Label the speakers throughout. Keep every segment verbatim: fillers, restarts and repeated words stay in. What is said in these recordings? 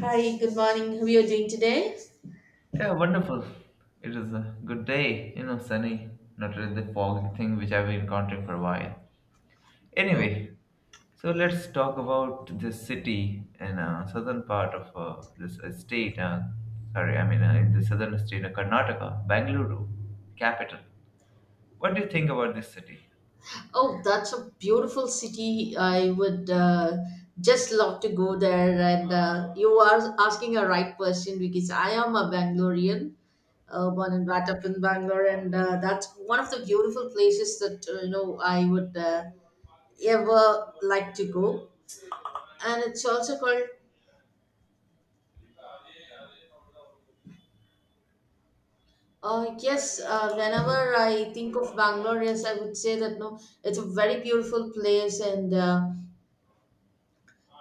Speaker 1: Hi, good morning. How are you doing today?
Speaker 2: Yeah, wonderful. It is a good day, you know, sunny, not really the foggy thing which I've been encountering for a while. Anyway, so let's talk about this city in uh, southern part of uh, this uh, state. Uh, sorry, I mean uh, in the southern state of Karnataka, Bangalore, capital. What do you think about this city?
Speaker 1: Oh, that's a beautiful city. I would uh, just love to go there. And uh, you are asking a right person because I am a Bangalorean, uh, born and brought up in Bangalore, and uh, that's one of the beautiful places that uh, you know I would uh, ever like to go. And it's also called. Uh, yes, uh, whenever I think of Bangalore, yes, I would say that no, it's a very beautiful place and. Uh,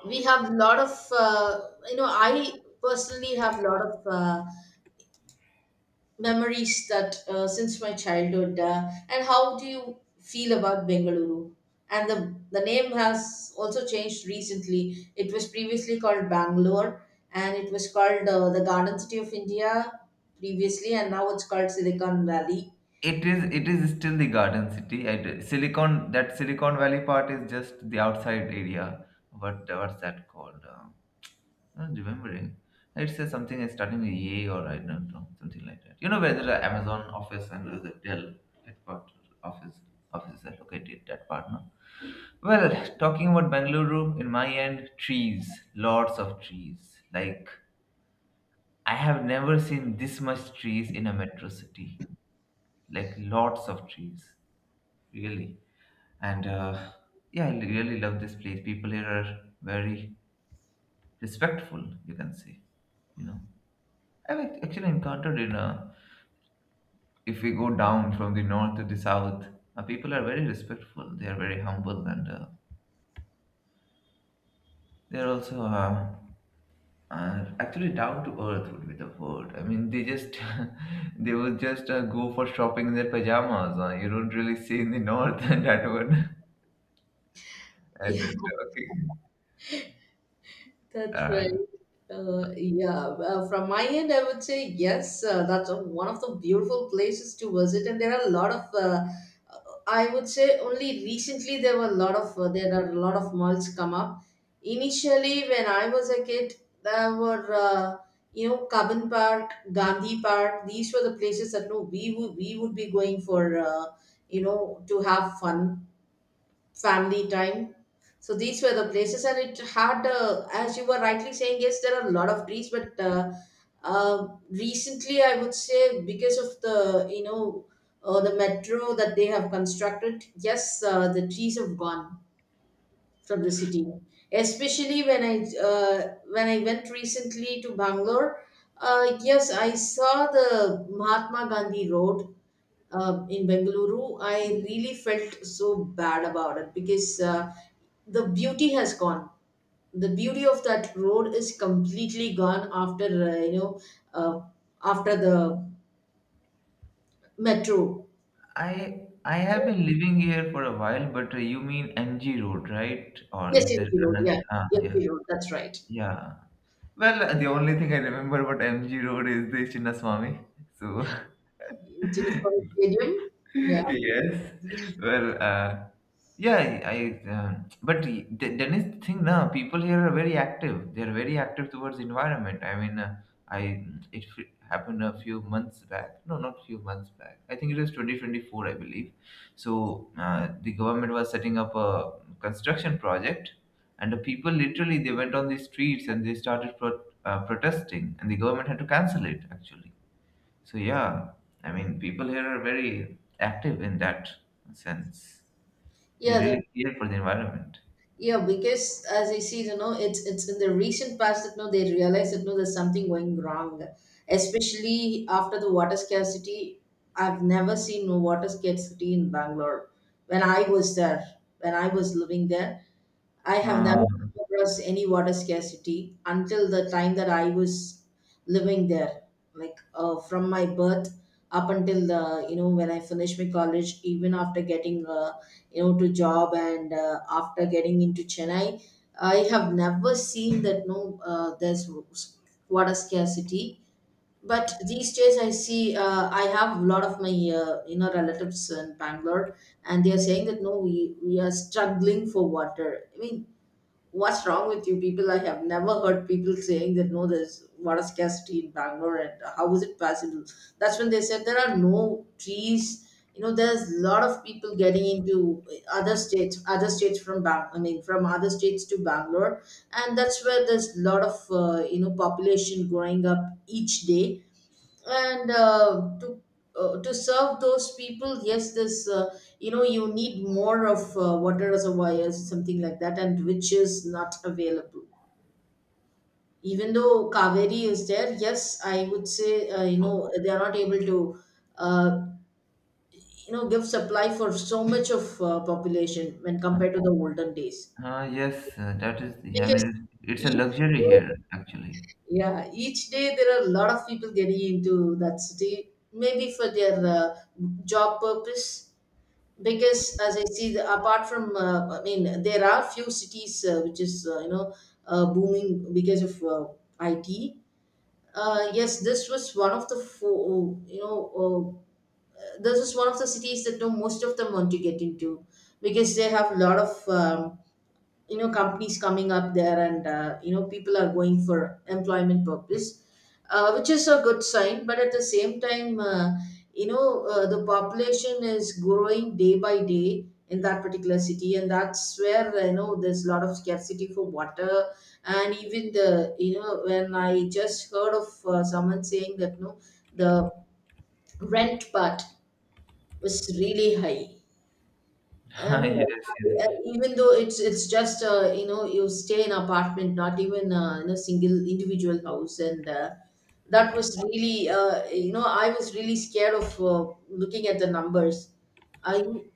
Speaker 1: we have a lot of uh, you know i personally have a lot of uh, memories that uh, since my childhood uh, and how do you feel about Bengaluru? And the the name has also changed recently. It was previously called Bangalore, and it was called uh, the Garden City of India previously, and now it's called Silicon Valley.
Speaker 2: It is it is still the Garden City. I d Silicon that Silicon Valley part is just the outside area. What what's that called? Uh, I'm not remembering. It says something is starting with A, or I don't know, something like that. You know, where the Amazon office and the Dell headquarters office offices are located. That part, no. Well, talking about Bengaluru, in my end, trees, lots of trees. Like I have never seen this much trees in a metro city. Like lots of trees really. And uh, yeah, I really love this place. People here are very respectful, you can say. You know, I've act- actually encountered in uh, if we go down from the north to the south, uh, people are very respectful. They are very humble, and uh, they are also uh, uh, actually down to earth would be the word. I mean, they just they would just uh, go for shopping in their pajamas. Uh, you don't really see in the north that one. And uh,
Speaker 1: Yeah.
Speaker 2: talking.
Speaker 1: That's right.
Speaker 2: Uh,
Speaker 1: Uh, yeah, uh, from my end, I would say yes. Uh, that's a- one of the beautiful places to visit, and there are a lot of. Uh, uh, I would say only recently there were a lot of uh, there are a lot of malls come up. Initially, when I was a kid, there were uh, you know Cabin Park, Gandhi Park. These were the places that no we would we would be going for uh, you know to have fun, family time. So these were the places, and it had, uh, as you were rightly saying, yes, there are a lot of trees, but uh, uh, recently I would say because of the you know uh, the metro that they have constructed, yes, uh, the trees have gone from the city. Especially when I uh, when I went recently to Bangalore, uh, yes, I saw the Mahatma Gandhi Road uh, in Bengaluru. I really felt so bad about it, because uh, the beauty has gone. The beauty of that road is completely gone after uh, you know uh, after the metro.
Speaker 2: I I have been living here for a while, but uh, you mean M G Road, right? Or is
Speaker 1: Yes,
Speaker 2: there
Speaker 1: M G Road.
Speaker 2: another?
Speaker 1: Yeah,
Speaker 2: Ah, yeah,
Speaker 1: M G Road. That's right.
Speaker 2: yeah. Well, uh, the only thing I remember about M G Road is the Chinnaswamy. So,
Speaker 1: Chinnaswamy Stadium. Yeah,
Speaker 2: yes, well, uh, yeah I I, uh, but the dennis thing now people here are very active. They're very active towards environment. I mean, uh, I it f- happened a few months back. No, not few months back, I think it was twenty twenty-four, I believe. So uh, the government was setting up a construction project, and the people literally, they went on the streets and they started pro- uh, protesting, and the government had to cancel it actually. So yeah, I mean, people here are very active in that sense. They
Speaker 1: yeah.
Speaker 2: really care for the environment.
Speaker 1: Yeah, because as I see, you know, it's it's in the recent past that no, they realize that no, there's something going wrong. Especially after the water scarcity, I've never seen no water scarcity in Bangalore when I was there, when I was living there. I have never
Speaker 2: Uh,
Speaker 1: come across any water scarcity until the time that I was living there. Like uh, from my birth up until the you know when I finished my college, even after getting uh, you know to job, and uh, after getting into Chennai, I have never seen that no uh, there's water scarcity. But these days, I see uh, I have a lot of my uh, you know relatives in Bangalore, and they are saying that no, we we are struggling for water. I mean, what's wrong with you people? I have never heard people saying that no there's water scarcity in Bangalore. And how is it possible? That's when they said there are no trees. You know, there's a lot of people getting into other states, other states from bang I mean from other states to Bangalore, and that's where there's a lot of uh, you know population growing up each day. And uh, to uh, to serve those people, yes, this uh, you know you need more of uh, water reservoirs, something like that, and which is not available. Even though Kaveri is there, yes, I would say uh, you know they are not able to uh, you know give supply for so much of uh, population when
Speaker 2: uh,
Speaker 1: compared to the olden days,
Speaker 2: uh, yes, uh, that is. The, I
Speaker 1: because
Speaker 2: mean, it's, it's a
Speaker 1: each
Speaker 2: luxury here,
Speaker 1: day.
Speaker 2: actually.
Speaker 1: Yeah, each day there are a lot of people getting into that city, maybe for their uh, job purpose. Because as I see, the, apart from, uh, I mean, there are few cities uh, which is uh, you know uh, booming because of uh, I T. Uh, yes, this was one of the four, you know, uh, this is one of the cities that you know, most of them want to get into, because they have a lot of um, you know companies coming up there, and uh, you know people are going for employment purpose, uh, which is a good sign, but at the same time uh, you know uh, the population is growing day by day in that particular city, and that's where uh, you know there's a lot of scarcity for water. And even the you know when I just heard of uh, someone saying that no the rent part was really high. I
Speaker 2: Yes,
Speaker 1: uh,
Speaker 2: yes.
Speaker 1: even though it's it's just uh, you know you stay in apartment, not even uh, in a single individual house, and uh, that was really uh, you know I was really scared of uh, looking at the numbers. I yeah,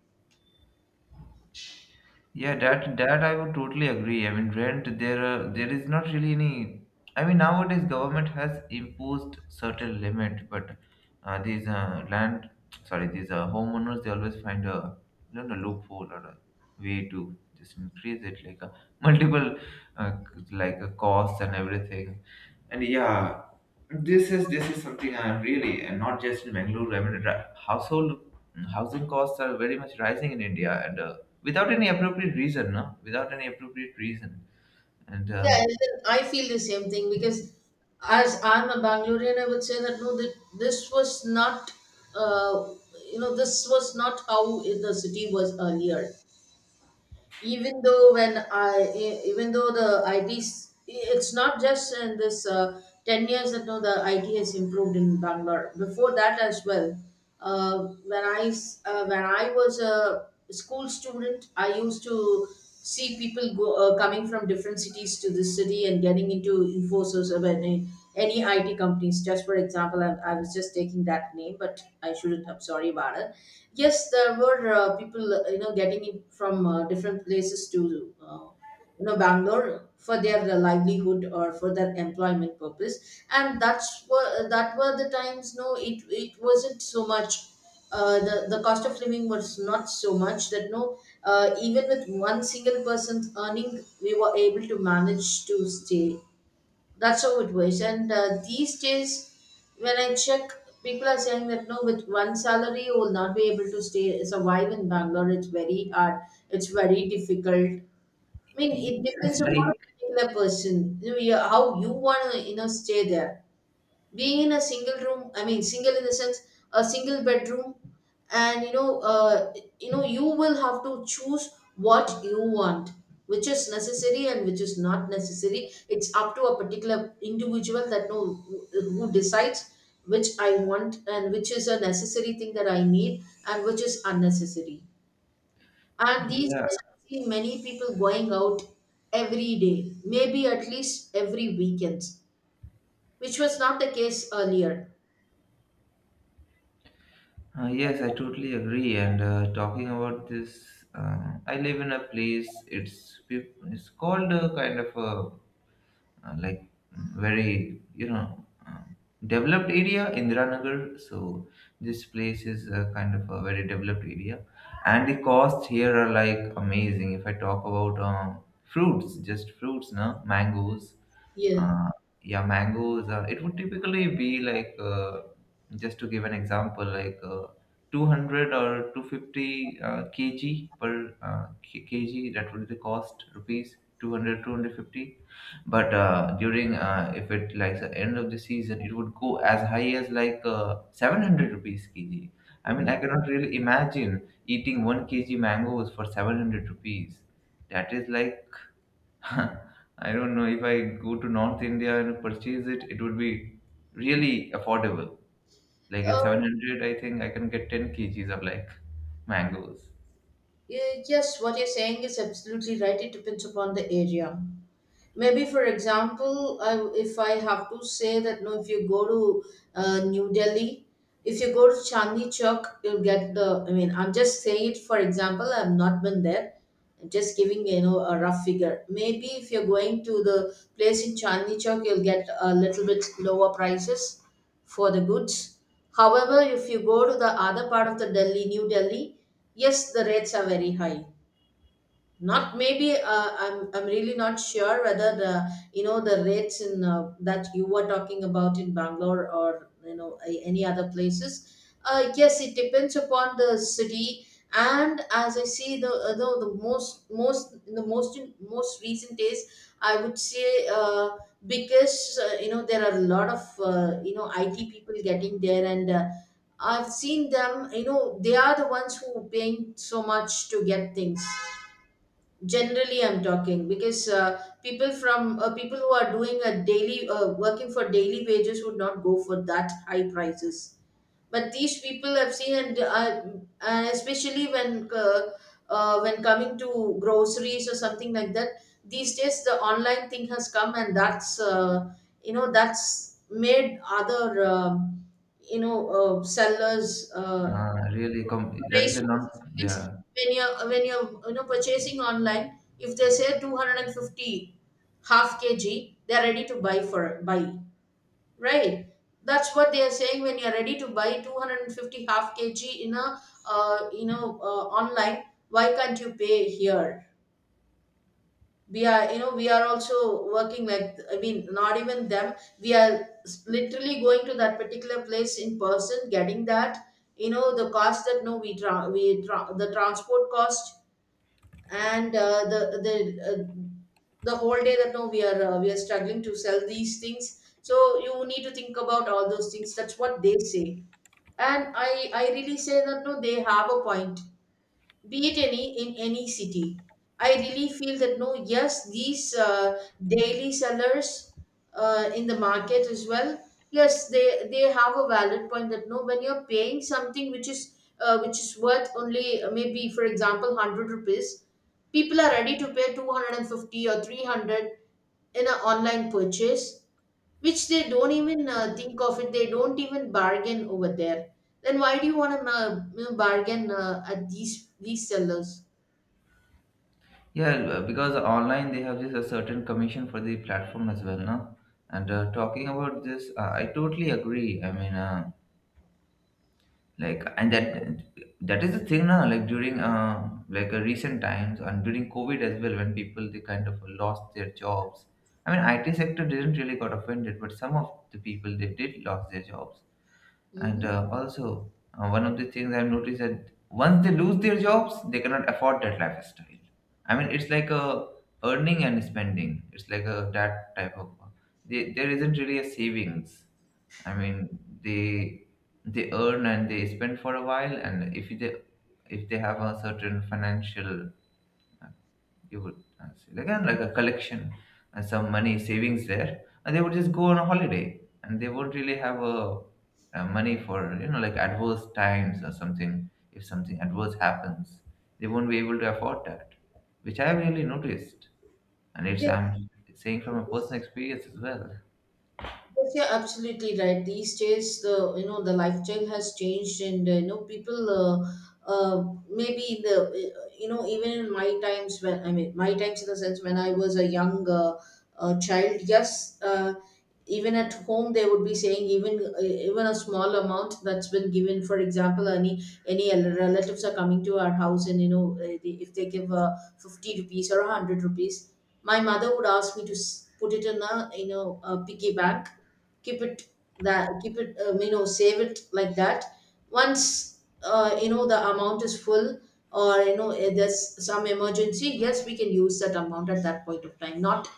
Speaker 2: Yeah, that that I would totally agree. I mean, rent there uh, there is not really any. I mean, nowadays government has imposed certain limit, but uh, these uh, land, sorry, these uh, homeowners, they always find a you know a loophole or a way to just increase it like a multiple uh, c- like a cost and everything. And yeah, this is this is something I'm really, and not just in Bangalore. I mean, ri- household housing costs are very much rising in India, and uh, without any appropriate reason, no? Without any appropriate reason. And uh,
Speaker 1: and then I feel the same thing, because as I'm a Bangalorean, I would say that no, that this was not uh, you know this was not how the city was earlier. Even though when I e- even though the I T, it's not just in this uh, ten years that now the I T has improved in Bangalore. Before that as well, uh, when I s- uh, when I was a school student, I used to see people go, uh, coming from different cities to this city and getting into Infosys of any any I T companies. Just for example, I, I was just taking that name, but I shouldn't have. Sorry about it. Yes, there were uh, people, uh, you know, getting in from uh, different places to, uh, you know, Bangalore for their uh, livelihood or for their employment purpose, and that's were that were the times. No, it it wasn't so much. Uh, the, the cost of living was not so much that no uh, even with one single person's earning we were able to manage to stay, that's how it was. And uh, these days, when I check, people are saying that no, with one salary, you will not be able to stay survive in Bangalore. It's very hard. It's very difficult. I mean,
Speaker 2: yes,
Speaker 1: it depends upon a
Speaker 2: like
Speaker 1: particular person. You know, yeah, how you want to, you know, stay there, being in a single room. I mean single in the sense a single bedroom. And you know uh, you know you will have to choose what you want, which is necessary and which is not necessary. It's up to a particular individual that know who decides which I want and which is a necessary thing that I need and which is unnecessary. And these
Speaker 2: yeah,
Speaker 1: days I see many people going out every day, maybe at least every weekend, which was not the case earlier.
Speaker 2: uh, yes, I totally agree. And uh, talking about this, uh, I live in a place. It's peop- it's called a kind of a uh, like mm, very you know uh, developed area, Indiranagar. So this place is uh, kind of a very developed area, and the costs here are like amazing. If I talk about um, fruits, just fruits, no, mangoes,
Speaker 1: Yeah.
Speaker 2: uh, yeah, mangoes. Uh, it would typically be like, uh, just to give an example, like uh, two hundred or two hundred fifty uh, kg per uh, k- kg. That would be the cost, rupees two hundred, two hundred fifty. But uh, during, uh, if it like the end of the season, it would go as high as like uh, seven hundred rupees kg. I
Speaker 1: Oh
Speaker 2: mean,
Speaker 1: my.
Speaker 2: I cannot really imagine eating one kg mangoes for seven hundred rupees. That is like I don't know, if I go to North India and purchase it, it would be really affordable. Like at
Speaker 1: Uh,
Speaker 2: seven hundred, I think I can get ten kgs of like mangoes.
Speaker 1: y- yes, what you're saying is absolutely right. It depends upon the area. Maybe for example I, if I have to say that no if you go to uh, New Delhi, if you go to Chandni Chowk you'll get the, I mean I'm just saying it for example, I've not been there, I'm just giving you know a rough figure. Maybe if you're going to the place in Chandni Chowk you'll get a little bit lower prices for the goods. However, if you go to the other part of the Delhi, New Delhi, yes, the rates are very high. Not maybe uh, i'm i'm really not sure whether the you know the rates in uh, that you were talking about in Bangalore or you know a- any other places. uh, yes, it depends upon the city. And as I see the uh, the, the most most the most most recent days, I would say uh, because uh, you know there are a lot of uh, you know IT people getting there. And uh, I've seen them, you know they are the ones who paying so much to get things. Generally I'm talking, because uh, people from uh, people who are doing a daily uh, working for daily wages would not go for that high prices. But these people I've seen, and I, and especially when uh, uh, when coming to groceries or something like that, these days the online thing has come, and that's uh, you know that's made other um you know uh, sellers uh,
Speaker 2: Uh, really,
Speaker 1: to
Speaker 2: com- that is
Speaker 1: raise
Speaker 2: a non.
Speaker 1: prices, because
Speaker 2: Yeah,
Speaker 1: when you're when you're you know purchasing online, if they say two hundred and fifty half kg, they're ready to buy for buy. Right. That's what they are saying, when you are ready to buy two hundred fifty half kg in a uh, you know uh, online. Why can't you pay here? We are you know we are also working like, I mean not even them. We are s- literally going to that particular place in person, getting that you know the cost that no we tra- we tra- the transport cost and uh, the the uh, the whole day that no we are uh, we are struggling to sell these things, so you need to think about all those things. That's what they say, and i i really say that no, they have a point, be it any in any city. I really feel that no, yes, these uh, daily sellers uh, in the market as well, yes, they they have a valid point that no, when you're paying something which is uh, which is worth only uh, maybe, for example, one hundred rupees, people are ready to pay two hundred and fifty or three hundred in an online purchase, which they don't even uh, think of it. They don't even bargain over there. Then why do you want to uh, bargain uh, at these these sellers?
Speaker 2: yeah. uh, Because online they have this a certain commission for the platform as well, no. And uh, talking about this, uh, I totally agree. I mean, uh, like and that that is the thing now, like during uh, like uh, recent times and during COVID as well, when people they kind of lost their jobs. I mean, IT sector didn't really got offended, but some of the people they did lost their jobs. And
Speaker 1: Hmm.
Speaker 2: uh, also uh, one of the things I've noticed that once they lose their jobs, they cannot afford that lifestyle. I mean, it's like a earning and spending, it's like a that type of, they, there isn't really a savings. I mean, they they earn and they spend for a while, and if they if they have a certain financial, uh, you would uh, say again like a collection and some money savings there, and they would just go on a holiday, and they won't really have a, uh money for you know like adverse times or something. If something adverse happens, they won't be able to afford that, which I've really noticed, and it's I'm saying from a personal
Speaker 1: Yes.
Speaker 2: experience as well.
Speaker 1: Yes, you're absolutely right. These days, the you know the lifestyle has changed, and uh, you know people. Uh, uh, maybe the uh, you know even in my times — when I mean my times in the sense when I was a young uh, uh, child, yes, uh, even at home they would be saying, even uh, even a small amount that's been given. For example, any any relatives are coming to our house, and you know uh, they, if they give uh, fifty rupees or hundred rupees, my mother would ask me to s- put it in a you know a piggy bank, keep it, that keep it, um, you know, save it like that. Once uh, you know the amount is full, or you know eh, there's some emergency, yes, we can use that amount at that point of time. Not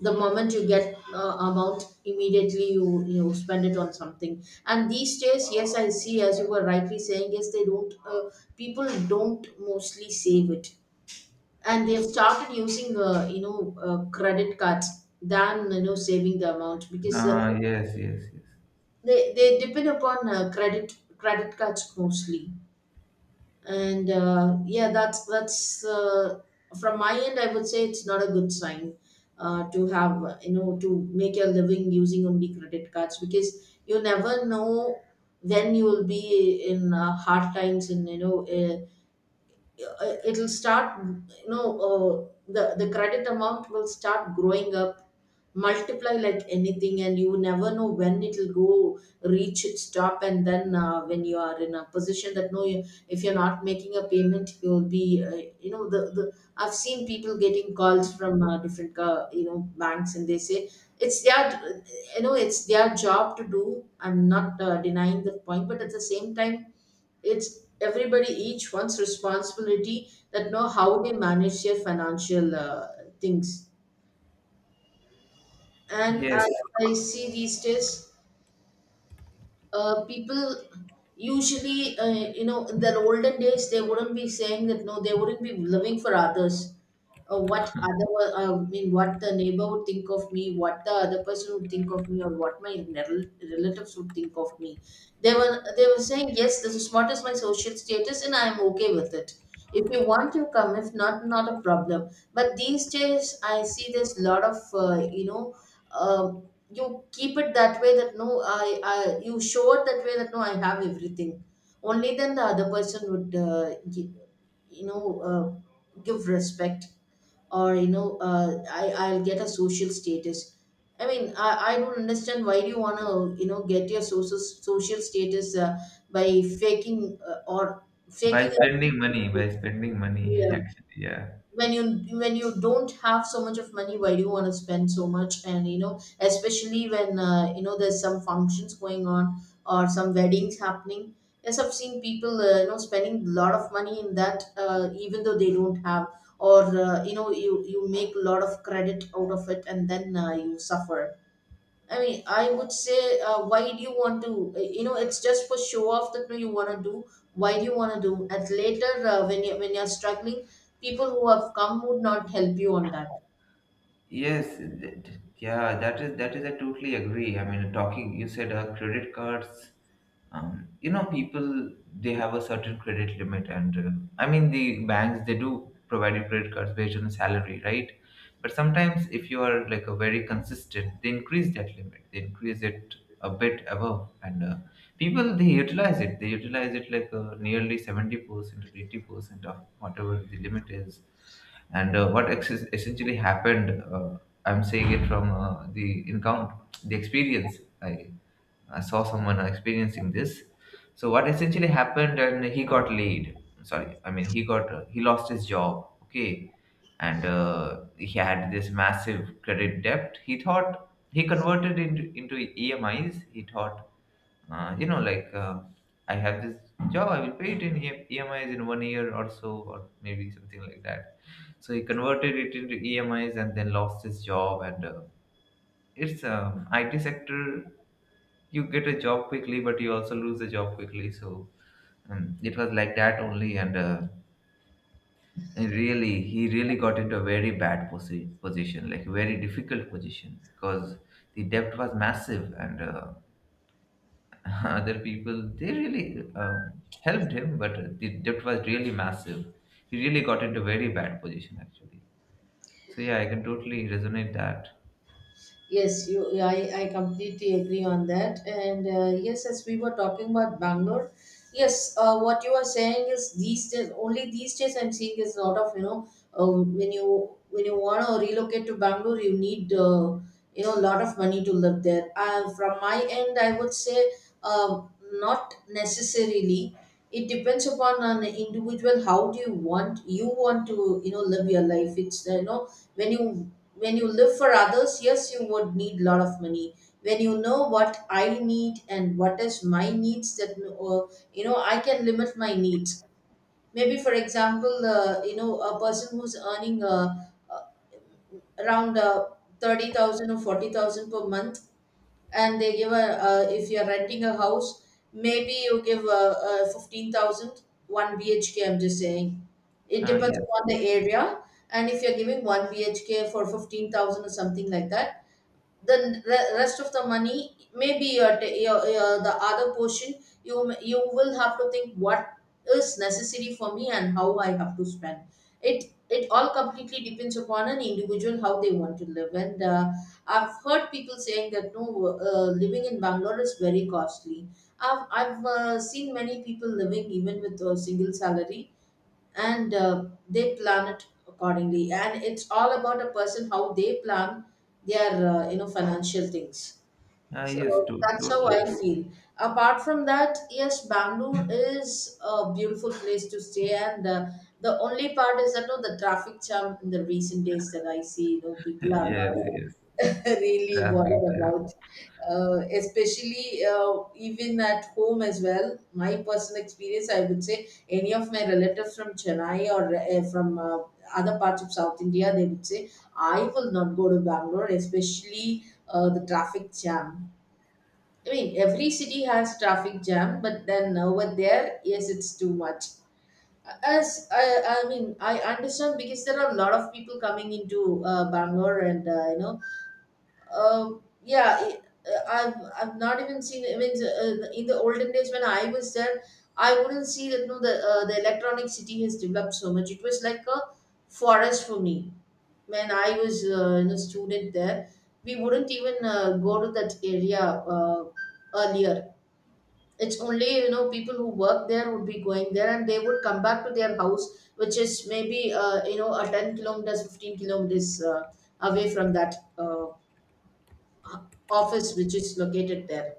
Speaker 1: the moment you get uh, amount, immediately you you know spend it on something. And these days, yes, I see, as you were rightly saying, yes, they don't. Uh, people don't mostly save it, and they've started using uh, you know uh, credit cards than you know saving the amount, because uh,
Speaker 2: Uh, yes, yes, yes.
Speaker 1: they they depend upon uh, credit credit cards mostly. And uh, yeah, that's that's uh, from my end, I would say it's not a good sign uh, to have uh, you know, to make your living using only credit cards, because you never know when you will be in uh, hard times, and you know uh, uh, it'll start you know uh, the the credit amount will start growing up, multiply like anything, and you never know when it'll go reach its top. And then uh, when you are in a position that no you, if you're not making a payment, you'll be uh, you know, the, the I've seen people getting calls from uh, different uh, you know, banks, and they say it's their you know it's their job to do. I'm not uh, denying the point, but at the same time, it's everybody, each one's responsibility that know how they manage their financial uh, things. And
Speaker 2: Yes.
Speaker 1: as I see these days, uh, people, usually uh, you know, in their olden days they wouldn't be saying that no, they wouldn't be living for others, uh, what other uh, i mean what the neighbor would think of me, what the other person would think of me, or what my rel- relatives would think of me. They were they were saying, yes, this is what is my social status, and I am okay with it. If you want you come, if not, not a problem. But these days I see there's a lot of uh, you know um, you keep it that way that no, I, I you show it that way that no, I have everything, only then the other person would uh, gi- you know uh, give respect, or you know uh, I, I'll get a social status. I mean i, I don't understand, why do you want to you know get your social social status uh, by faking, uh, or
Speaker 2: By
Speaker 1: faking
Speaker 2: spending money, by spending money,
Speaker 1: it?
Speaker 2: actually, yeah.
Speaker 1: When you, when you don't have so much of money, why do you want to spend so much? And you know, especially when uh, you know, there's some functions going on or some weddings happening, yes, I've seen people uh, you know, spending a lot of money in that uh, even though they don't have, or uh, you know, you you make a lot of credit out of it and then uh, you suffer. I mean, I would say, uh, why do you want to? uh, You know, it's just for show off that no, you want to do. Why do you want to do? At later, uh, when you, when you're struggling, people who have come would not help you on that.
Speaker 2: Yes, th- th- yeah, that is that is I totally agree. I mean, talking, you said uh, credit cards. Um, you know, people they have a certain credit limit, and uh, I mean the banks they do provide you credit cards based on salary, right? But sometimes if you are like a very consistent, they increase that limit. They increase it a bit above, and uh, people they utilize it, they utilize it like uh, nearly seventy percent or eighty percent of whatever the limit is. And uh, what ex- essentially happened, uh, I'm saying it from uh, the encounter the experience. I i saw someone uh, experiencing this. So what essentially happened, and he got laid sorry I mean he got uh, he lost his job, okay. And uh, he had this massive credit debt. He thought he converted into into EMIs. He thought, uh, you know, like uh, I have this job, I will pay it in E- EMIs in one year or so, or maybe something like that. So he converted it into E M Is and then lost his job. And uh, it's um, I T sector, you get a job quickly, but you also lose the job quickly. So um, it was like that only. And uh, and really, he really got into a very bad posi- position, like very difficult position, because the debt was massive. And Uh, other people they really um, helped him, but the debt was really massive. He really got into very bad position actually. So yeah, I can totally resonate that.
Speaker 1: Yes, you, I, I completely agree on that. And uh, yes, as we were talking about Bangalore, yes, uh, what you are saying is these days, only these days I'm seeing is a lot of you know um, when you, when you want to relocate to Bangalore, you need uh, you know, a lot of money to live there. Uh, from my end, I would say um, not necessarily. It depends upon an individual. How do you want, you want to you know, live your life? It's uh, you know, when you, when you live for others, yes, you would need a lot of money. When you know what I need and what is my needs, that uh, you know, I can limit my needs. Maybe, for example, uh, you know, a person who's earning uh, uh, around uh, thirty thousand or forty thousand per month, and they give a uh, if you're renting a house, maybe you give a, a fifteen thousand, one 1 bhk, I'm just saying, it
Speaker 2: Ah,
Speaker 1: depends
Speaker 2: yes.
Speaker 1: upon the area. And if you're giving one bhk for fifteen thousand or something like that, the re- rest of the money, maybe your, ta- your, your the other portion, you m- you will have to think what is necessary for me and how I have to spend it. It all completely depends upon an individual, how they want to live. And uh, I've heard people saying that no, uh, living in Bangalore is very costly. i've, I've uh, seen many people living even with a single salary, and uh, they plan it accordingly, and it's all about a person how they plan their uh, you know, financial things.
Speaker 2: Ah, yes, to,
Speaker 1: So that's how I
Speaker 2: totally.
Speaker 1: feel. Apart from that, yes, Bangalore is a beautiful place to stay, and uh, the only part is that no, the traffic jam in the recent days, that I see, you know, people are
Speaker 2: Yes,
Speaker 1: uh,
Speaker 2: yes,
Speaker 1: really
Speaker 2: traffic
Speaker 1: bothered
Speaker 2: jam.
Speaker 1: about, uh, especially uh, even at home as well. My personal experience, I would say, any of my relatives from Chennai or uh, from uh, other parts of South India, they would say, I will not go to Bangalore, especially uh, the traffic jam. I mean, every city has traffic jam, but then over there, yes, it's too much. As I, I mean, I understand, because there are a lot of people coming into uh, Bangalore. And uh, you know, um, yeah, it- uh, I've, I've not even seen. I mean, uh, in the olden days when I was there, I wouldn't see that, no. The uh, the electronic city has developed so much. It was like a forest for me when I was uh, you know, student there. We wouldn't even uh, go to that area uh, earlier. It's only you know, people who work there would be going there, and they would come back to their house, which is maybe uh, you know, a ten kilometers, fifteen kilometers uh, away from that uh, office, which is located there.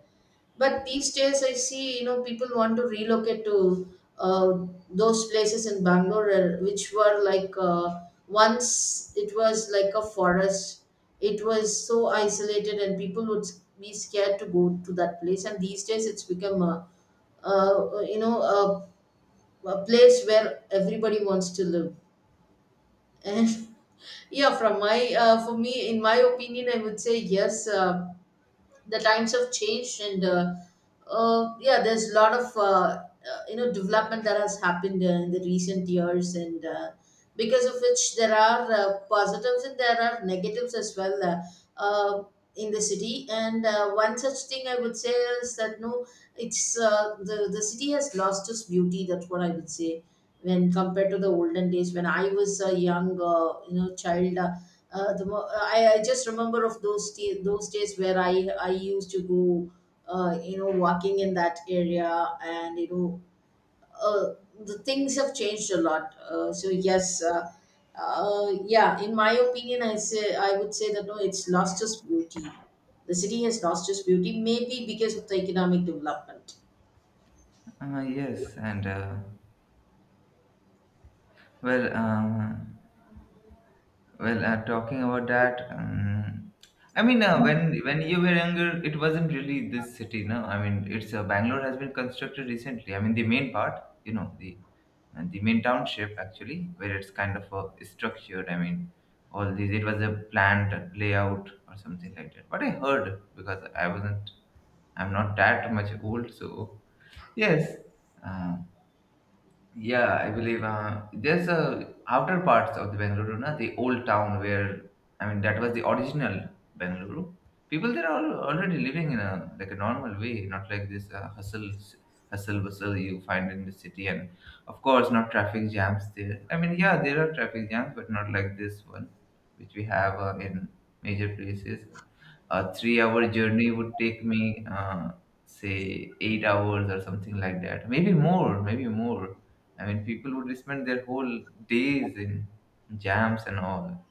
Speaker 1: But these days, I see you know people want to relocate to uh, those places in Bangalore, uh, which were like uh, once it was like a forest. It was so isolated, and people would be scared to go to that place. And these days, it's become a uh, you know, a, a place where everybody wants to live. And yeah, from my uh, for me, in my opinion, I would say yes. Uh, the times have changed, and uh, uh, yeah, there's a lot of uh, uh, you know, development that has happened uh, in the recent years, and uh, because of which there are uh, positives and there are negatives as well, uh, uh, in the city. And uh, one such thing I would say is that no, it's uh, the, the city has lost its beauty, that's what I would say, when compared to the olden days when I was a young uh, you know, child. Uh, uh, the mo- uh, I, I just remember of those t- those days where I I used to go uh, you know, walking in that area, and you know uh, the things have changed a lot. Uh, so yes. Uh, uh, yeah, in my opinion, I say I would say that no, it's lost its beauty. The city has lost its beauty, maybe because of the economic development.
Speaker 2: Ah, yes. And uh, well um well, uh, talking about that, um, I mean, uh, when when you were younger, it wasn't really this city, no. I mean, it's uh, Bangalore has been constructed recently. I mean, the main part, you know, the uh, the main township actually, where it's kind of uh, structured. I mean, all these it was a planned layout or something like that. But I heard, because I wasn't, I'm not that much old, so yes. Uh, yeah, I believe uh, there's a outer parts of the Bengaluru, na, the old town where I mean that was the original Bengaluru. People there are already living in a like a normal way, not like this uh, hustle hustle bustle you find in the city, and of course not traffic jams there. I mean, yeah, there are traffic jams, but not like this one, which we have uh, in major places. A three-hour journey would take me, uh, say, eight hours or something like that, maybe more, maybe more. I mean, people would spend their whole days in jams and all.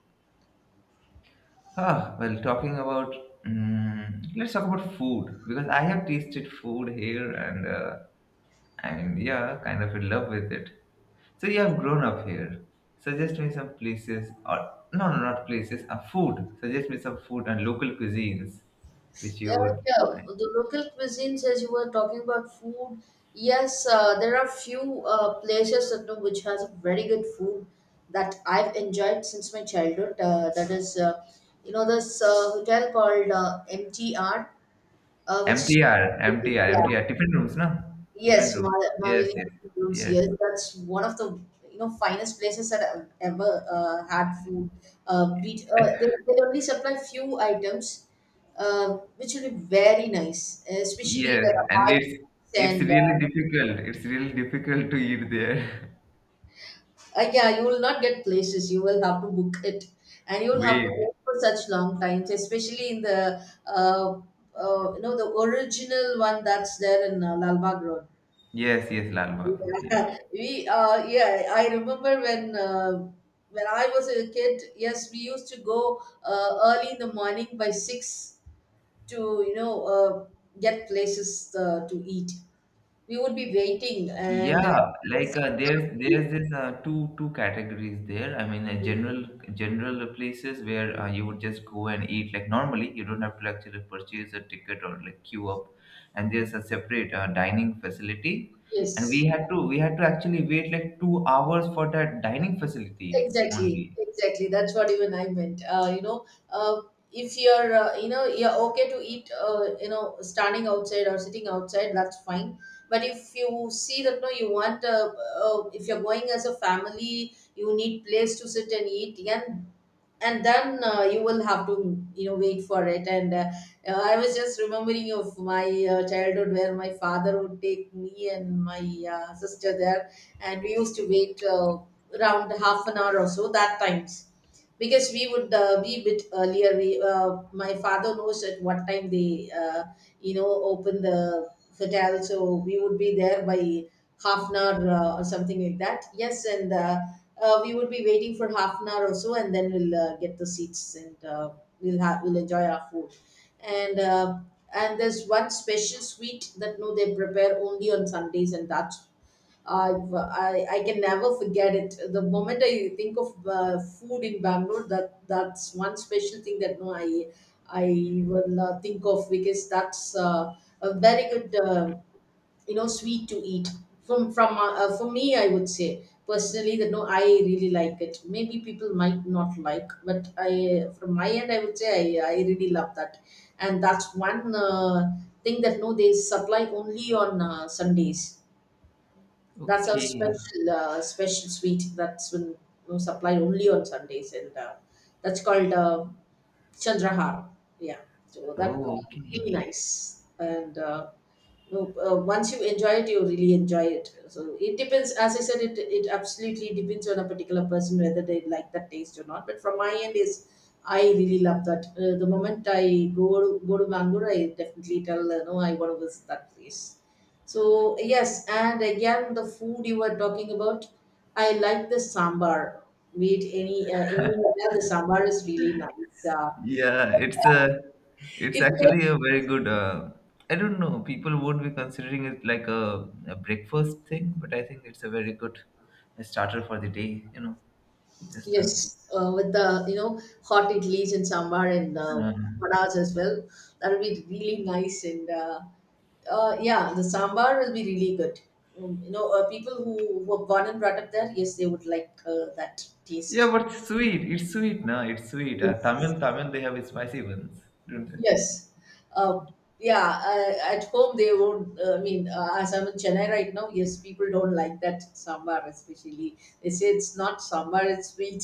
Speaker 2: Ah, well, talking about, mm let's talk about food, because I have tasted food here, and uh, and yeah, kind of in love with it. So you have grown up here. Suggest me some places or no, no, not places. A food. Suggest me some food and local cuisines which
Speaker 1: Yeah,
Speaker 2: you would
Speaker 1: yeah.
Speaker 2: find.
Speaker 1: The local cuisines, as you were talking about food, yes, uh, there are few uh, places that know which has very good food that I've enjoyed since my childhood. Uh, that is, uh, you know, this uh, hotel called uh, M T R, uh, which is
Speaker 2: M T R, M T R,
Speaker 1: yeah.
Speaker 2: M T R. Different rooms, no? Different
Speaker 1: Yes,
Speaker 2: rooms.
Speaker 1: Ma-
Speaker 2: Yes,
Speaker 1: Mahaviri
Speaker 2: yes,
Speaker 1: Gardens,
Speaker 2: yes.
Speaker 1: yes, that's one of the you know finest places that I've ever uh, had food. Uh, beat, uh, they, they only supply few items, uh, which will be very nice, especially
Speaker 2: Yes,
Speaker 1: the
Speaker 2: and
Speaker 1: high.
Speaker 2: it's it's
Speaker 1: And
Speaker 2: really
Speaker 1: uh,
Speaker 2: difficult. It's really difficult to eat there.
Speaker 1: uh, Yeah, you will not get places. You will have to book it, and you will have to
Speaker 2: Wait.
Speaker 1: wait for such long times, especially in the uh, uh, you know the original one that's there in uh, Lalbagh Road.
Speaker 2: Yes, yes, Lal Bagh. Yeah,
Speaker 1: Uh, we uh yeah I remember when uh, when I was a kid, yes, we used to go uh, early in the morning by six to you know uh, get places uh, to eat. We would be waiting, and uh,
Speaker 2: yeah.
Speaker 1: by
Speaker 2: Like uh, there's
Speaker 1: six thirty.
Speaker 2: there's this uh, two two categories there. I mean, uh, general general places where uh, you would just go and eat like normally. You don't have to actually purchase a ticket or like queue up. And there's a separate uh, dining facility, and we
Speaker 1: Yes,
Speaker 2: had to we had to actually wait like two hours for that dining facility
Speaker 1: exactly,
Speaker 2: only.
Speaker 1: exactly. That's what even I meant. Uh, you know, uh, if you're, uh, you know, you're okay to eat, uh, you know, standing outside or sitting outside, that's fine. But if you see that no, you want, uh, uh, if you're going as a family, you need place to sit and eat. And and then uh, you will have to you know wait for it, and uh, uh, I was just remembering of my uh, childhood where my father would take me and my uh, sister there, and we used to wait uh, around half an hour or so that times, because we would uh, be a bit earlier. We, uh, my father knows at what time they, uh, you know, open the hotel, so we would be there by half an hour uh, or something like that. Yes, and uh, uh, we would be waiting for half an hour or so, and then we'll uh, get the seats, and uh, we'll have we'll enjoy our food. And uh, and there's one special sweet that no they prepare only on Sundays, and that's, I've, I I can never forget it. The moment I think of uh, food in Bangalore, that that's one special thing that no, I I will uh, think of, because that's uh, a very good uh, you know sweet to eat. From from uh, uh, For me, I would say personally that no, I really like it. Maybe people might not like, but I from my end, I would say I, I really love that, and that's one uh, thing that no they supply only on uh, Sundays. That's a
Speaker 2: Okay.
Speaker 1: special uh, special sweet that's been you know, supplied only on Sundays, and uh, that's called uh, Chandrahar. Yeah, so that
Speaker 2: Oh,
Speaker 1: would be
Speaker 2: okay.
Speaker 1: really nice, and uh, you know, uh, once you enjoy it, you really enjoy it. So it depends, as I said, it it absolutely depends on a particular person whether they like that taste or not. But from my end is, I really love that. Uh, the moment I go to, go to Bangalore, I definitely tell uh, no, I want to visit that place. So yes, and again the food you were talking about, I like the sambar. Be it any uh, anywhere, the sambar is really nice. Uh,
Speaker 2: Yeah, it's a, it's
Speaker 1: it
Speaker 2: actually a very good. Uh, I don't know. People would be considering it like a, a breakfast thing, but I think it's a very good starter for the day. You know,
Speaker 1: tastes,
Speaker 2: just as.
Speaker 1: yes, uh, with the you know hot idlis and sambar, and uh,
Speaker 2: Um,
Speaker 1: vadas as well. That will be really nice. And. Uh, uh, yeah, the sambar will be really good. Um, you know, uh, people who were born and brought up there, yes, they would like uh, that
Speaker 2: yeah,
Speaker 1: taste.
Speaker 2: but it's sweet. It's sweet, no? It's sweet. Uh,
Speaker 1: Yes.
Speaker 2: Tamil, Tamil, they have spicy ones, don't they?
Speaker 1: Yes. Uh, yeah, uh, at home they won't. Uh, I mean, uh, as I'm in Chennai right now, yes, people don't like that sambar, especially. They say it's not sambar, it's sweet.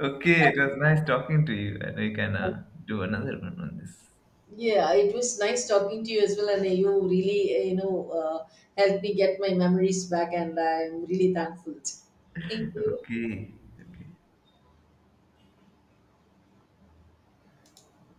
Speaker 2: Okay, it was nice talking to you, and we can uh, do another one on this.
Speaker 1: Yeah, it was nice talking to you as well, and you really, uh, you know, uh, helped me get my memories back, and I'm really thankful. Thank you.
Speaker 2: Okay.